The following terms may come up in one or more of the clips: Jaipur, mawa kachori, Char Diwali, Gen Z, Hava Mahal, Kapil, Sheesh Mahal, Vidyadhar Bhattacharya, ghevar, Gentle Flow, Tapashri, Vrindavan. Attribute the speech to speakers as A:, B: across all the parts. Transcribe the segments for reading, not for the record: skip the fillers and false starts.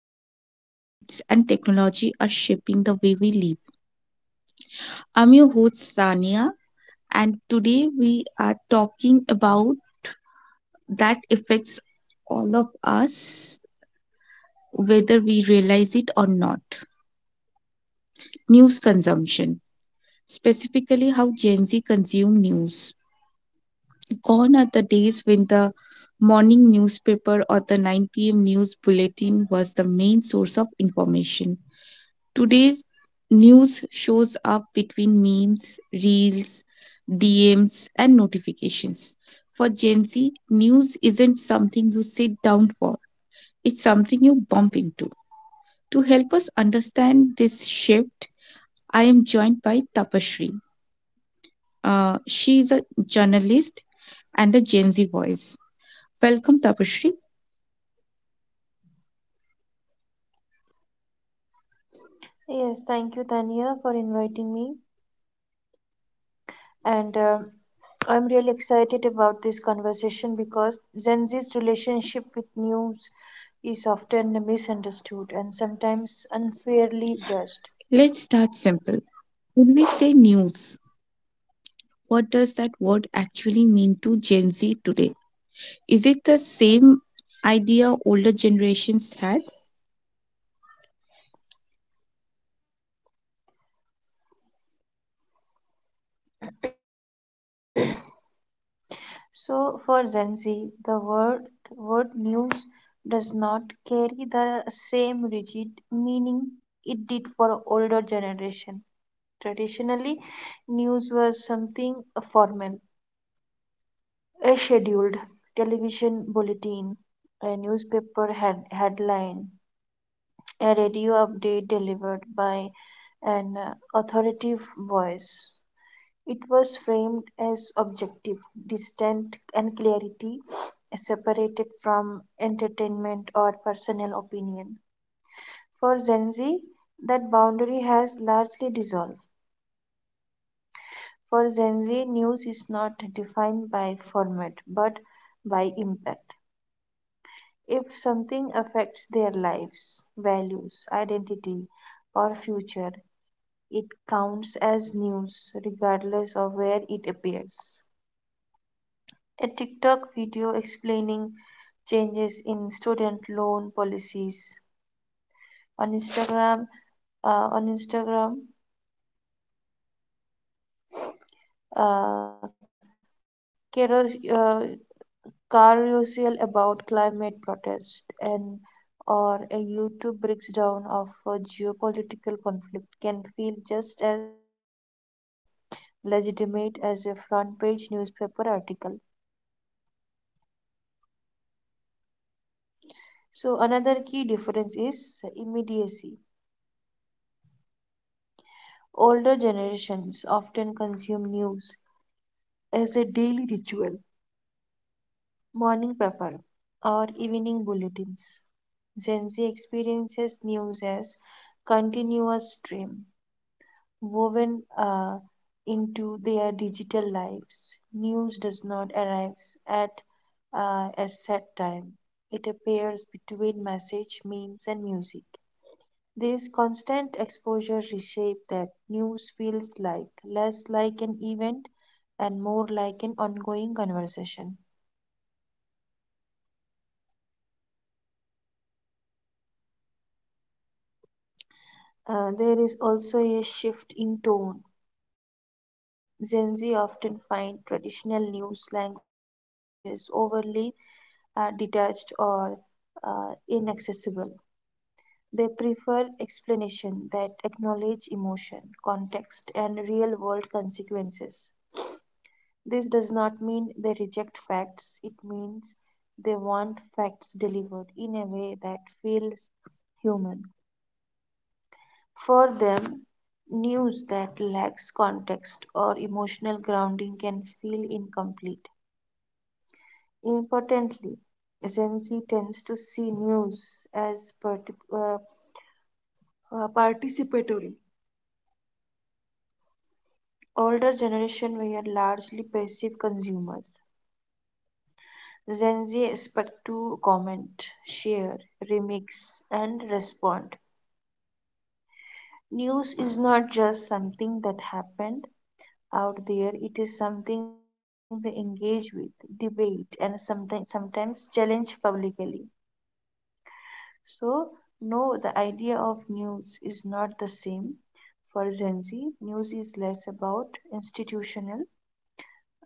A: culture, habits, and technology are shaping the way we live. I'm your host, Sania, and today we are talking about that affects all of us, whether we realize it or not news consumption, specifically how Gen Z consume news. Gone are the days when the morning newspaper or the 9 p.m. news bulletin was the main source of information. Today's news shows up between memes, reels, DMs, and notifications. For Gen Z, news isn't something you sit down for, it's something you bump into. To help us understand this shift, I am joined by Tapashri. She is a journalist and a Gen Z voice. Welcome, Tapashri.
B: Yes, thank you, Tanya, for inviting me. And I'm really excited about this conversation because Gen Z's relationship with news is often misunderstood and sometimes unfairly judged.
A: Let's start simple. When we say news, what does that word actually mean to Gen Z today? Is it the same idea older generations had?
B: So, for Gen Z, the word news does not carry the same rigid meaning it did for older generation. Traditionally, news was something formal. A scheduled television bulletin, a newspaper headline, a radio update delivered by an authoritative voice. It was framed as objective, distant, and clarity separated from entertainment or personal opinion. For Gen Z, that boundary has largely dissolved. For Gen Z, news is not defined by format but by impact. If something affects their lives, values, identity, or future, it counts as news regardless of where it appears. A TikTok video explaining changes in student loan policies on Instagram. On Instagram, uh, Kero, Carusial about climate protest and or a YouTube breakdown of a geopolitical conflict can feel just as legitimate as a front page newspaper article. So another key difference is immediacy. Older generations often consume news as a daily ritual, morning paper or evening bulletins. Gen Z experiences news as continuous stream woven into their digital lives. News does not arrive at a set time. It appears between message, memes, and music. This constant exposure reshapes that news feels like less like an event and more like an ongoing conversation. There is also a shift in tone. Gen Z often find traditional news languages overly detached or inaccessible. They prefer explanation that acknowledge emotion, context, and real world consequences. This does not mean they reject facts, it means they want facts delivered in a way that feels human. For them, news that lacks context or emotional grounding can feel incomplete. Importantly, Gen Z tends to see news as participatory. Older generation were largely passive consumers. Gen Z expect to comment, share, remix, and respond. News is not just something that happened, out there it is something they engage with debate and sometimes challenge publicly. So, no, the idea of news is not the same. For Gen Z, news is less about institutional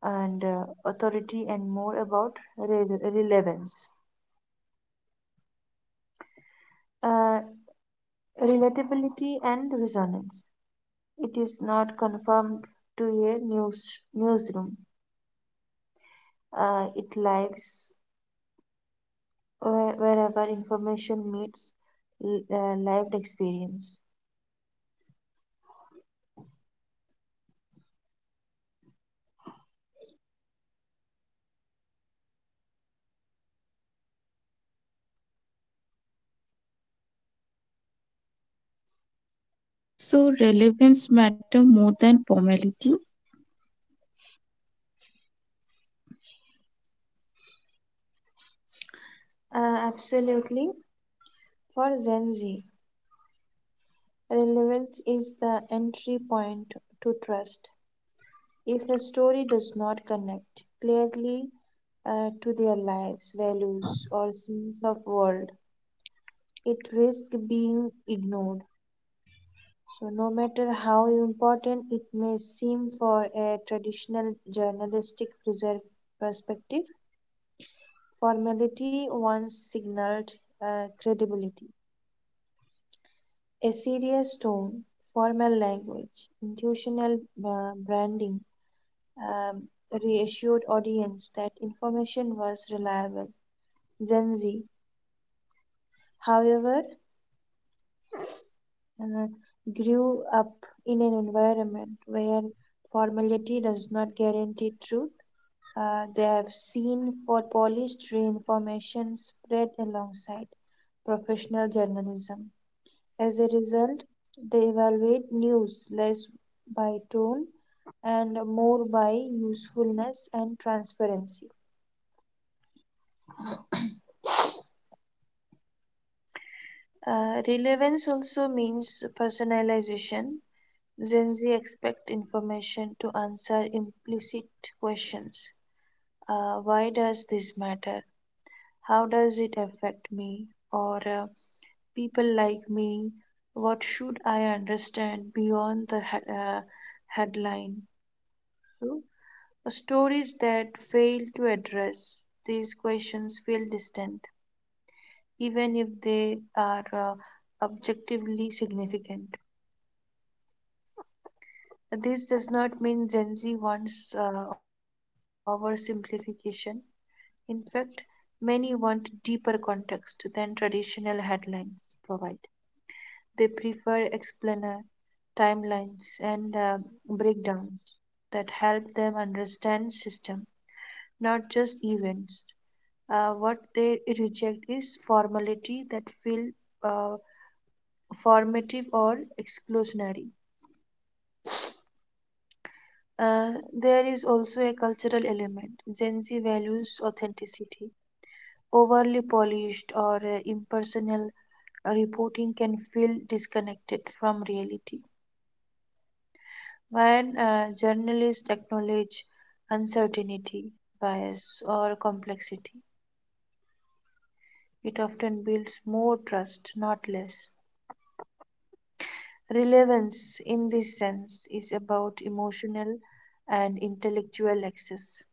B: and authority and more about relevance, uh, relatability, and resonance. It is not confined to a newsroom, it lives wherever information meets lived experience.
A: So relevance matter more than formality.
B: Absolutely. For Gen Z, relevance is the entry point to trust. If a story does not connect clearly to their lives, values, or sense of world, it risks being ignored. So, no matter how important it may seem for a traditional journalistic preserve perspective, formality once signaled credibility. A serious tone, formal language, institutional branding, um, reassured audience that information was reliable. Gen Z, however, uh, grew up in an environment where formality does not guarantee truth. They have seen for polished information spread alongside professional journalism. As a result, they evaluate news less by tone and more by usefulness and transparency. Relevance also means personalization. Gen Z expect information to answer implicit questions. Why does this matter? How does it affect me? Or people like me? What should I understand beyond the headline? So stories that fail to address these questions feel distant, even if they are objectively significant. This does not mean Gen Z wants oversimplification. In fact, many want deeper context than traditional headlines provide. They prefer explainer timelines and breakdowns that help them understand system not just events. What they reject is formality that feel uh, formative or exclusionary. Uh, there is also a cultural element. Gen Z values authenticity. Overly polished or impersonal reporting can feel disconnected from reality. When journalists acknowledge uncertainty, bias, or complexity, it often builds more trust, not less. Relevance, in this sense, is about emotional and intellectual access.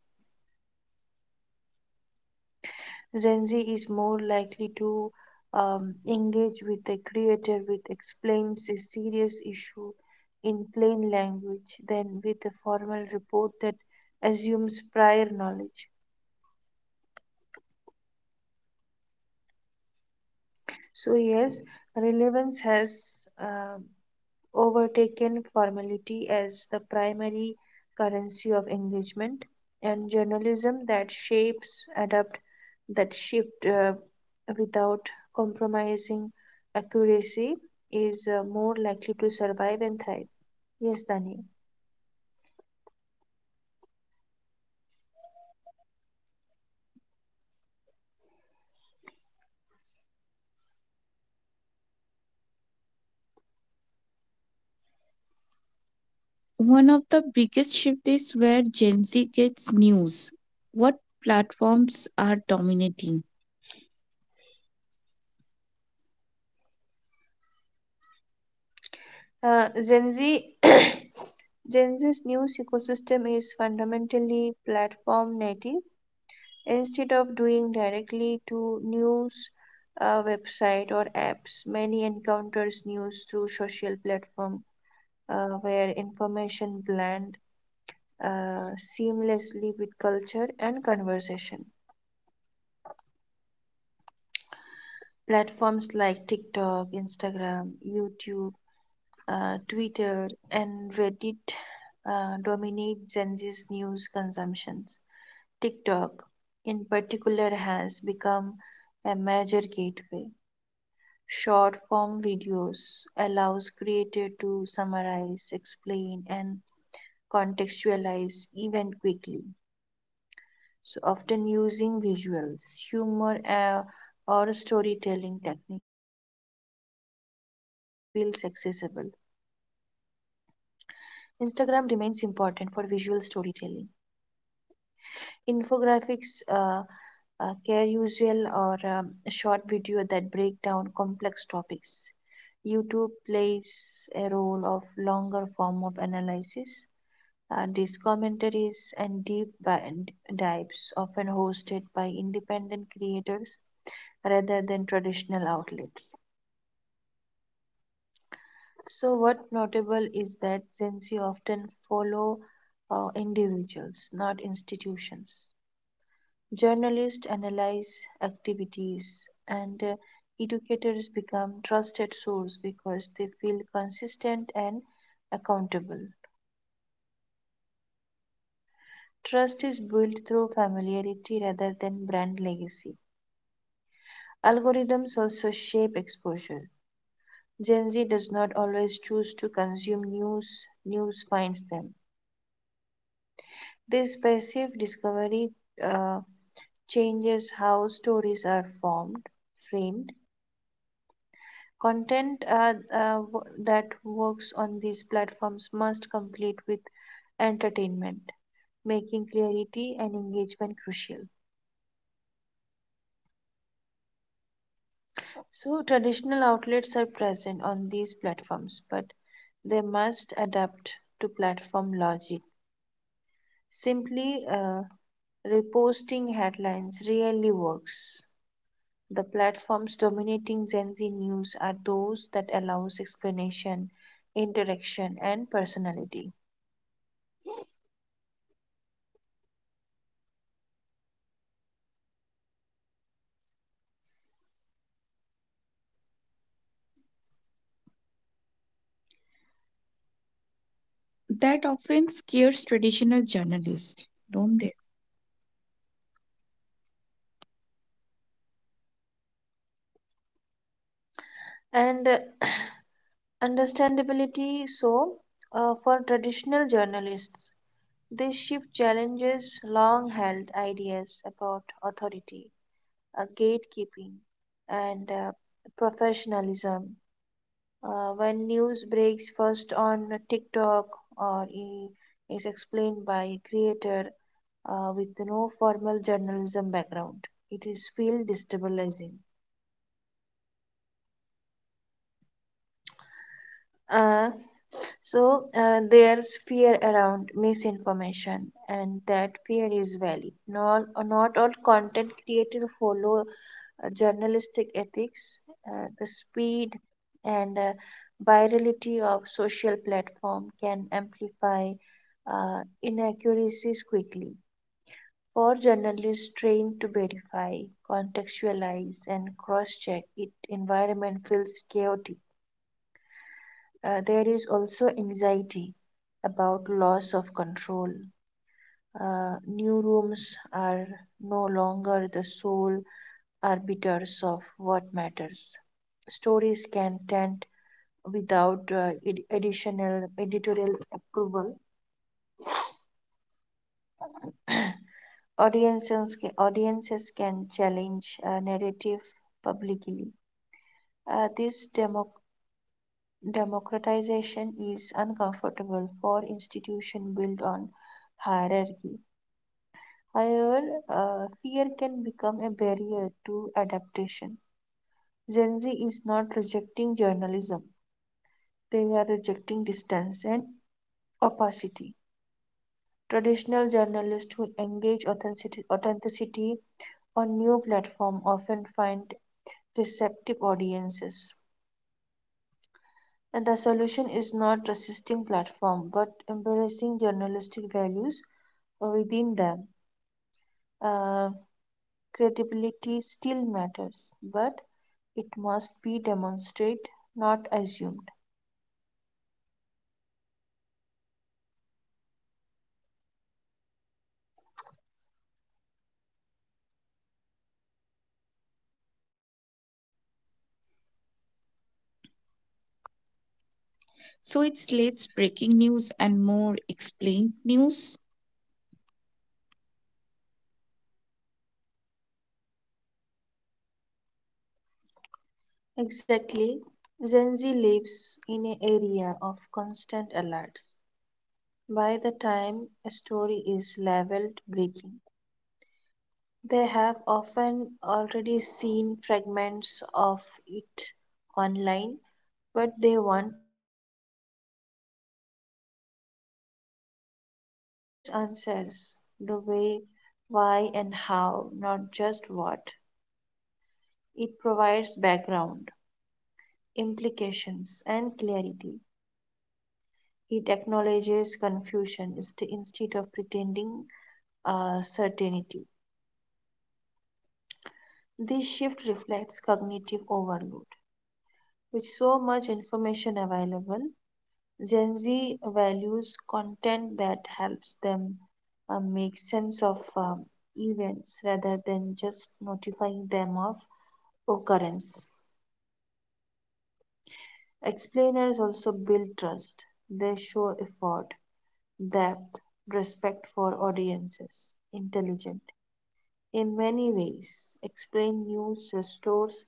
B: Gen Z is more likely to engage with a creator which explains a serious issue in plain language than with a formal report that assumes prior knowledge. So, yes, relevance has overtaken formality as the primary currency of engagement and journalism that shapes adapt that shift without compromising accuracy is more likely to survive and thrive. Yes, Dani.
A: One of the biggest shift is where Gen Z gets news. What platforms are dominating?
B: Gen z Gen Z's news ecosystem is fundamentally platform native. Instead of doing directly to news website or apps many encounters news through social platform where information blend seamlessly with culture and conversation. Platforms like TikTok, Instagram, YouTube, Twitter, and Reddit dominate Gen Z's news consumptions. TikTok in particular has become a major gateway. Short form videos allows creator to summarize, explain and contextualize event quickly. So often using visuals, humor or storytelling techniques that feels accessible. Instagram remains important for visual storytelling. Infographics, care usual or short video that break down complex topics. YouTube plays a role of longer form of analysis. These commentaries and deep dives often hosted by independent creators rather than traditional outlets. So, what notable is that since you often follow individuals, not institutions. Journalists analyze activities, and educators become trusted sources because they feel consistent and accountable. Trust is built through familiarity rather than brand legacy. Algorithms also shape exposure. Gen Z does not always choose to consume news, news finds them. This passive discovery uh, changes how stories are formed, framed. Content that works on these platforms must complete with entertainment, making clarity and engagement crucial. So, traditional outlets are present on these platforms, but they must adapt to platform logic. Simply reposting headlines rarely works. The platforms dominating Gen Z news are those that allows explanation, interaction, and personality.
A: That often scares traditional journalists, don't they?
B: And understandability. So, for traditional journalists this shift challenges long held ideas about authority, gatekeeping, and professionalism. When news breaks first on TikTok or is explained by a creator with no formal journalism background it is feel destabilizing. Uh, so, there's fear around misinformation, and that fear is valid. Not, all content creators follow journalistic ethics. The speed and virality of social platform can amplify inaccuracies quickly. For journalists trained to verify, contextualize, and cross-check, it environment feels chaotic. There is also anxiety about loss of control. New rooms are no longer the sole arbiters of what matters. Stories can tend without additional editorial approval. Audiences can challenge a narrative publicly. Uh, this demo- Democratization is uncomfortable for institutions built on hierarchy. However, fear can become a barrier to adaptation. Gen Z is not rejecting journalism, they are rejecting distance and opacity. Traditional journalists who engage authenticity on new platforms often find receptive audiences. And the solution is not resisting platform, but embracing journalistic values within them. Uh, Credibility still matters, but it must be demonstrated, not assumed.
A: So it's slates breaking news and more explained news.
B: Exactly. Gen Z lives in an area of constant alerts. By the time a story is leveled, breaking, they have often already seen fragments of it online, but they want next is meaning. So explain news answers the way, why, and how, not just what. It provides background, implications, and clarity. It acknowledges confusion instead of pretending certainty. This shift reflects cognitive overload. With so much information available, Gen Z values content that helps them make sense of events rather than just notifying them of occurrence. Explainers also build trust. They show effort, depth, respect for audiences, intelligent. In many ways, explain news restores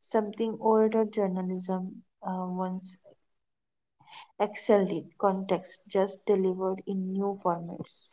B: something older journalism once Excelled did. Context just delivered in new formats.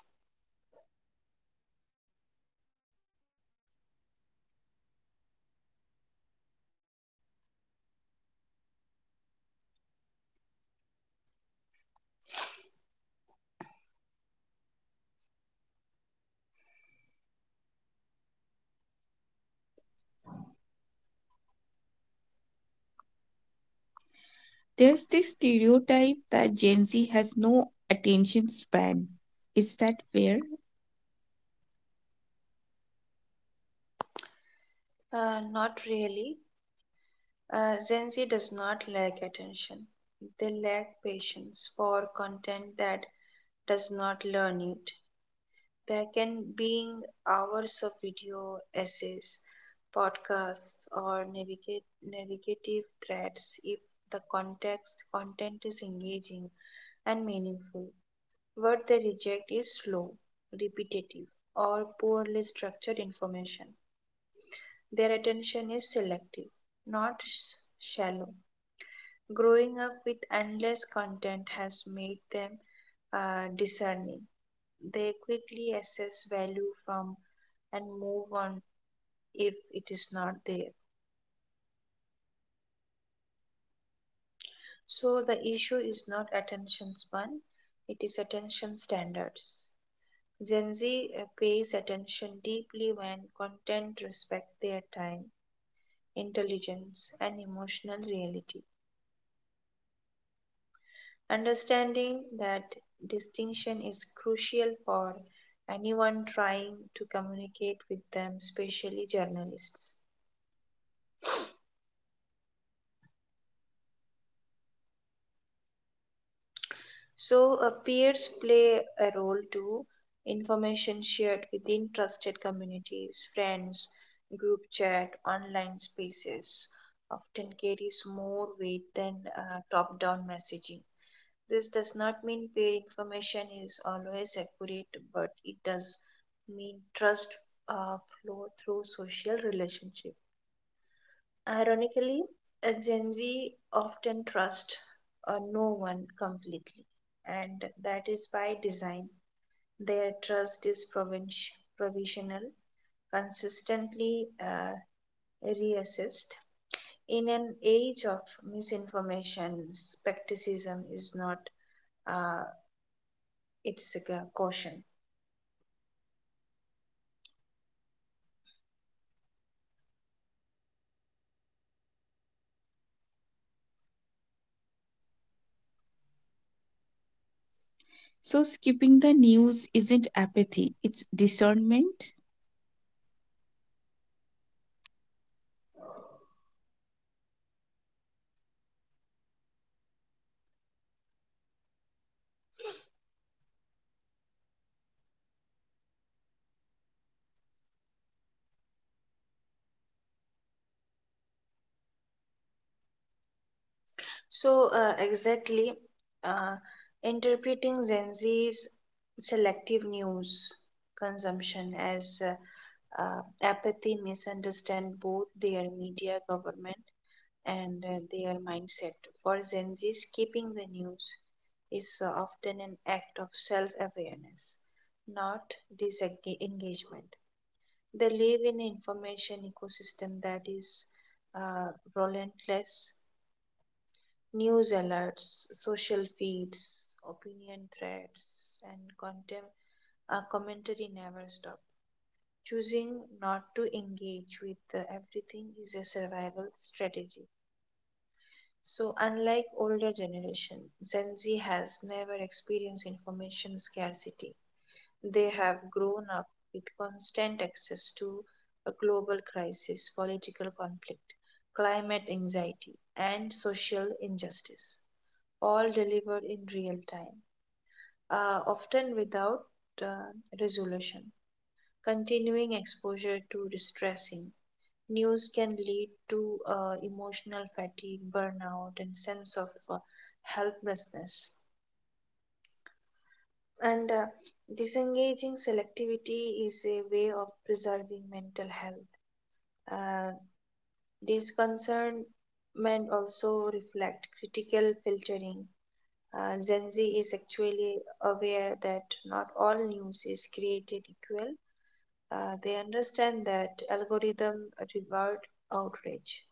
A: There's this stereotype that Gen Z has no attention span. Is that fair?
B: Not really. Gen Z does not lack attention. They lack patience for content that does not learn it. There can be hours of video, essays, podcasts, or navigative threads if the context content is engaging and meaningful. What they reject is slow, repetitive, or poorly structured information. Their attention is selective, not shallow. Growing up with endless content has made them discerning. They quickly assess value from and move on if it is not there. So the issue is not attention span, it is attention standards. Gen Z pays attention deeply when content respect their time intelligence, and emotional reality. Understanding that distinction is crucial for anyone trying to communicate with them, especially journalists. So, peers play a role too. Information shared within trusted communities, friends, group chat, online spaces often carries more weight than top down messaging. This does not mean paid information is always accurate, but it does mean trust flow through social relationship. Ironically, a Gen Z often trust no one completely, and that is by design. Their trust is provisional, consistently reassessed. In an age of misinformation, skepticism is not uh, it's a caution.
A: So skipping the news isn't apathy, it's discernment.
B: So, exactly, uh, interpreting Gen Z's selective news consumption as apathy misunderstand both their media government and their mindset. For Gen Zs, keeping the news is often an act of self awareness, not disengagement. They live in an information ecosystem that is uh, relentless. News alerts, social feeds, opinion threads, and content, commentary never stop. Choosing not to engage with the everything is a survival strategy. So, unlike older generation, Gen Z has never experienced information scarcity. They have grown up with constant access to a global crisis, political conflict, climate anxiety, and social injustice all delivered in real time, often without uh, resolution. Continuing exposure to distressing news can lead to emotional fatigue, burnout, and sense of helplessness. And disengaging selectivity is a way of preserving mental health. Uh, these also reflect critical filtering. Gen Z is actually aware that not all news is created equal. They understand that algorithm reward outrage,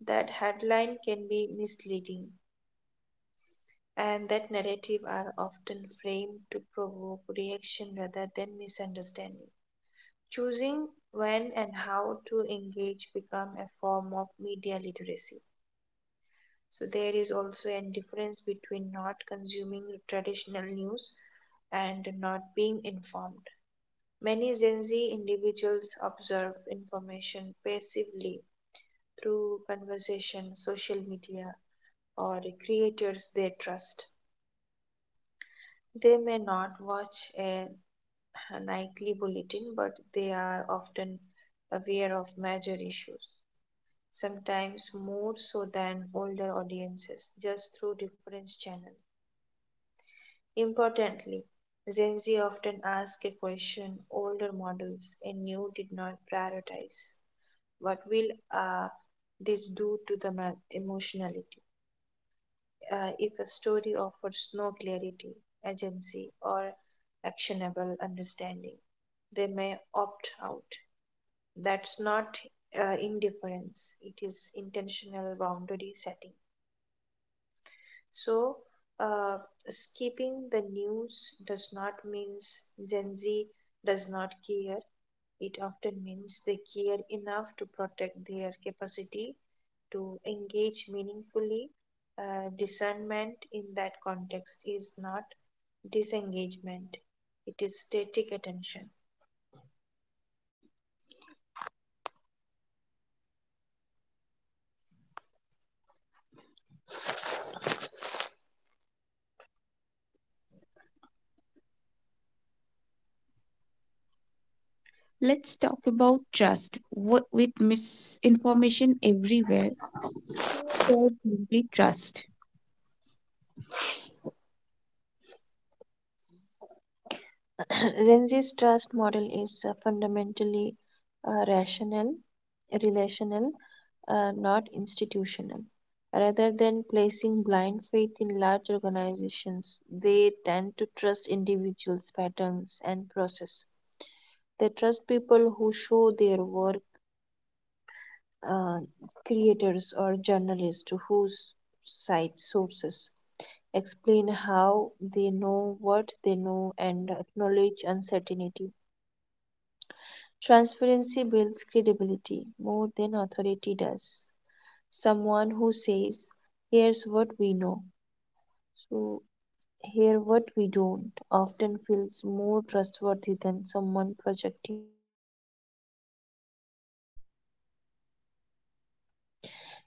B: that headline can be misleading, and that narrative are often framed to provoke reaction rather than misunderstanding. Choosing when and how to engage become a form of media literacy. So there is also a difference between not consuming traditional news and not being informed. Many Gen Z individuals observe information passively through conversation, social media, or creators they trust. They may not watch a nightly bulletin, but they are often aware of major issues, sometimes more so than older audiences, just through different channels. Importantly, Gen Z often ask a question older models and new did not prioritize. What will this do to the emotionality? If a story offers no clarity, agency, or actionable understanding, they may opt out. That's not indifference, it is intentional boundary setting. So, uh, skipping the news does not means Gen Z does not care. It often means they care enough to protect their capacity to engage meaningfully. Discernment in that context is not disengagement, it is static attention.
A: Let's talk about trust. What with misinformation everywhere, who does really trust?
B: Gen Z's trust model is fundamentally rational, relational, not institutional. Rather than placing blind faith in large organizations, they tend to trust individuals' patterns and process. They trust people who show their work, uh, creators or journalists whose cite sources, explain how they know what they know, and acknowledge uncertainty. Transparency builds credibility more than authority does. Someone who says, "Here's what we know, so here what we don't," often feels more trustworthy than someone projecting total confidence.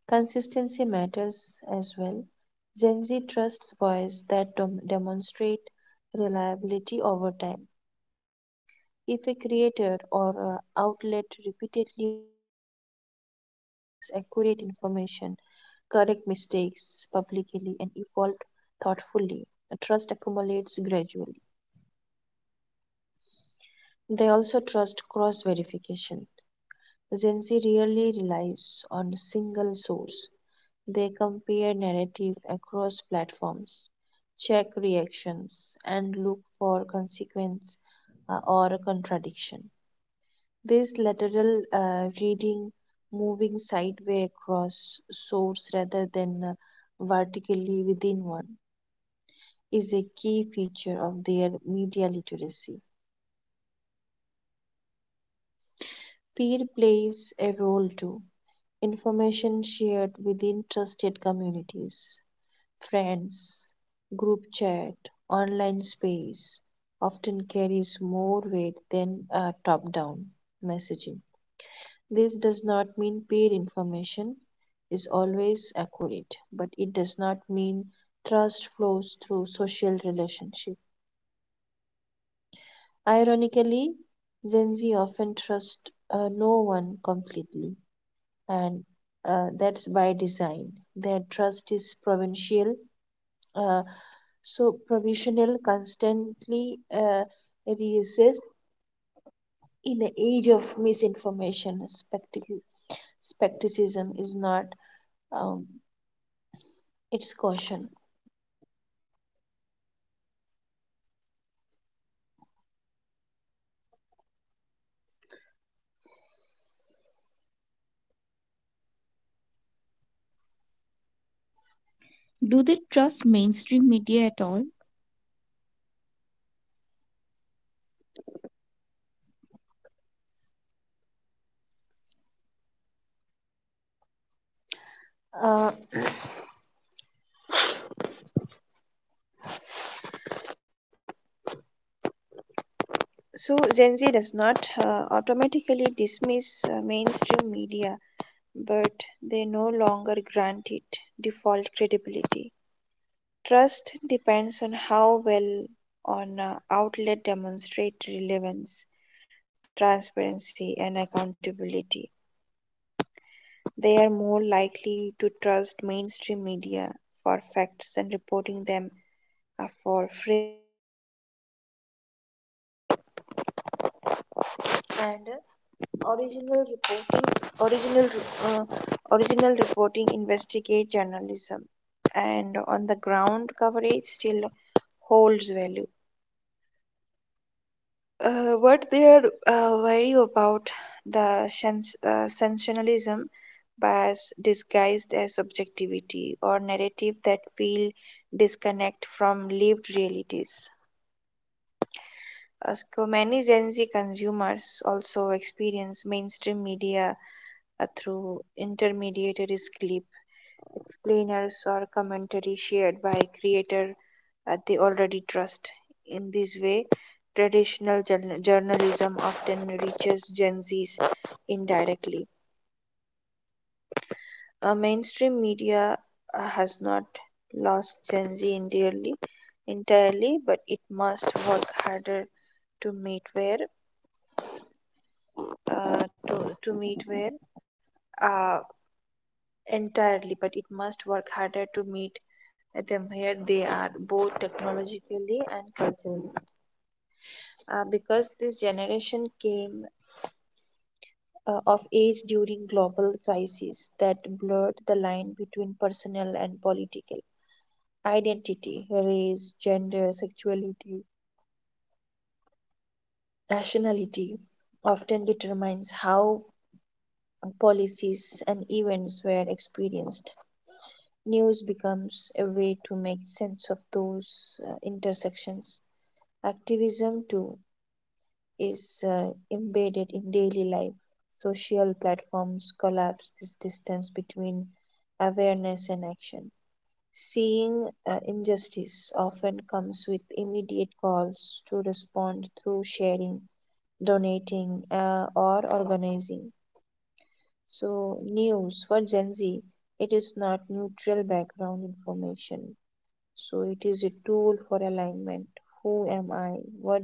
B: Consistency matters as well. Gen Z trusts voice that demonstrate reliability over time. If a creator or outlet repeatedly provides accurate information, correct mistakes publicly, and evolve thoughtfully, trust accumulates gradually. They also trust cross verification. Gen Z rarely relies on a single source. They compare narrative across platforms, check reactions, and look for consequence or contradiction. This lateral reading, moving sideways across source rather than vertically within one, is a key feature of their media literacy. Peer plays a role too. Information shared within trusted communities, friends, group chat, online space often carries more weight than top down messaging. This does not mean paid information is always accurate, but it does not mean trust flows through social relationship. Ironically, Gen Z often trust no one completely, and that's by design. Their trust is provincial, uh, so provisional, constantly reassessed. In an age of misinformation, skepticism is not um, it's caution.
A: Do they trust mainstream media at all?
B: Uh, so Gen Z does not automatically dismiss mainstream media, but they no longer grant it default credibility. Trust depends on how well an outlet demonstrate relevance, transparency, and accountability. They are more likely to trust mainstream media for facts and reporting them for framing or commentary, and original reporting original uh, original reporting, investigate journalism, and on the ground coverage still holds value. What they are worried about: the sensationalism, bias disguised as objectivity, or narrative that feel disconnect from lived realities. Many Gen Z consumers also experience mainstream media through intermediated explainers or commentary shared by creator they already trust. In this way, traditional journalism often reaches Gen Zs indirectly. Mainstream media has not lost Gen Z entirely, but it must work harder to meet where to meet where uh, entirely, but it must work harder to meet them where they are, both technologically and culturally. Because this generation came of age during global crises that blurred the line between personal and political, identity, race, gender, sexuality, nationality often determines how policies and events were experienced. News becomes a way to make sense of those intersections. Activism too is embedded in daily life. Social platforms collapse this distance between awareness and action. Seeing injustice often comes with immediate calls to respond through sharing, donating, or organizing. So, news for Gen Z, it is not neutral background information. So, it is a tool for alignment. Who am I? What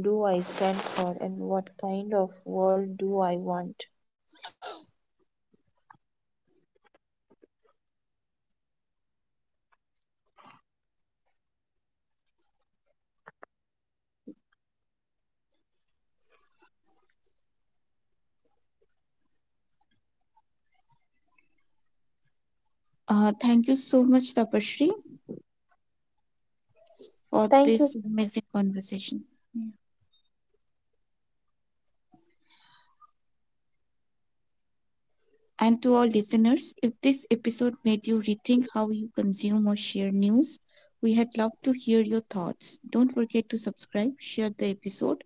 B: do I stand for, and what kind of world do I want?
A: Thank you so much, Tapashri, for
B: Thank
A: this
B: you.
A: amazing conversation. Yeah. And to all listeners, if this episode made you rethink how you consume or share news, we had loved to hear your thoughts. Don't forget to subscribe, share the episode,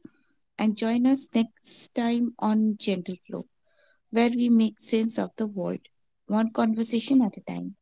A: and join us next time on Gentle Flow, where we make sense of the world, one conversation at a time.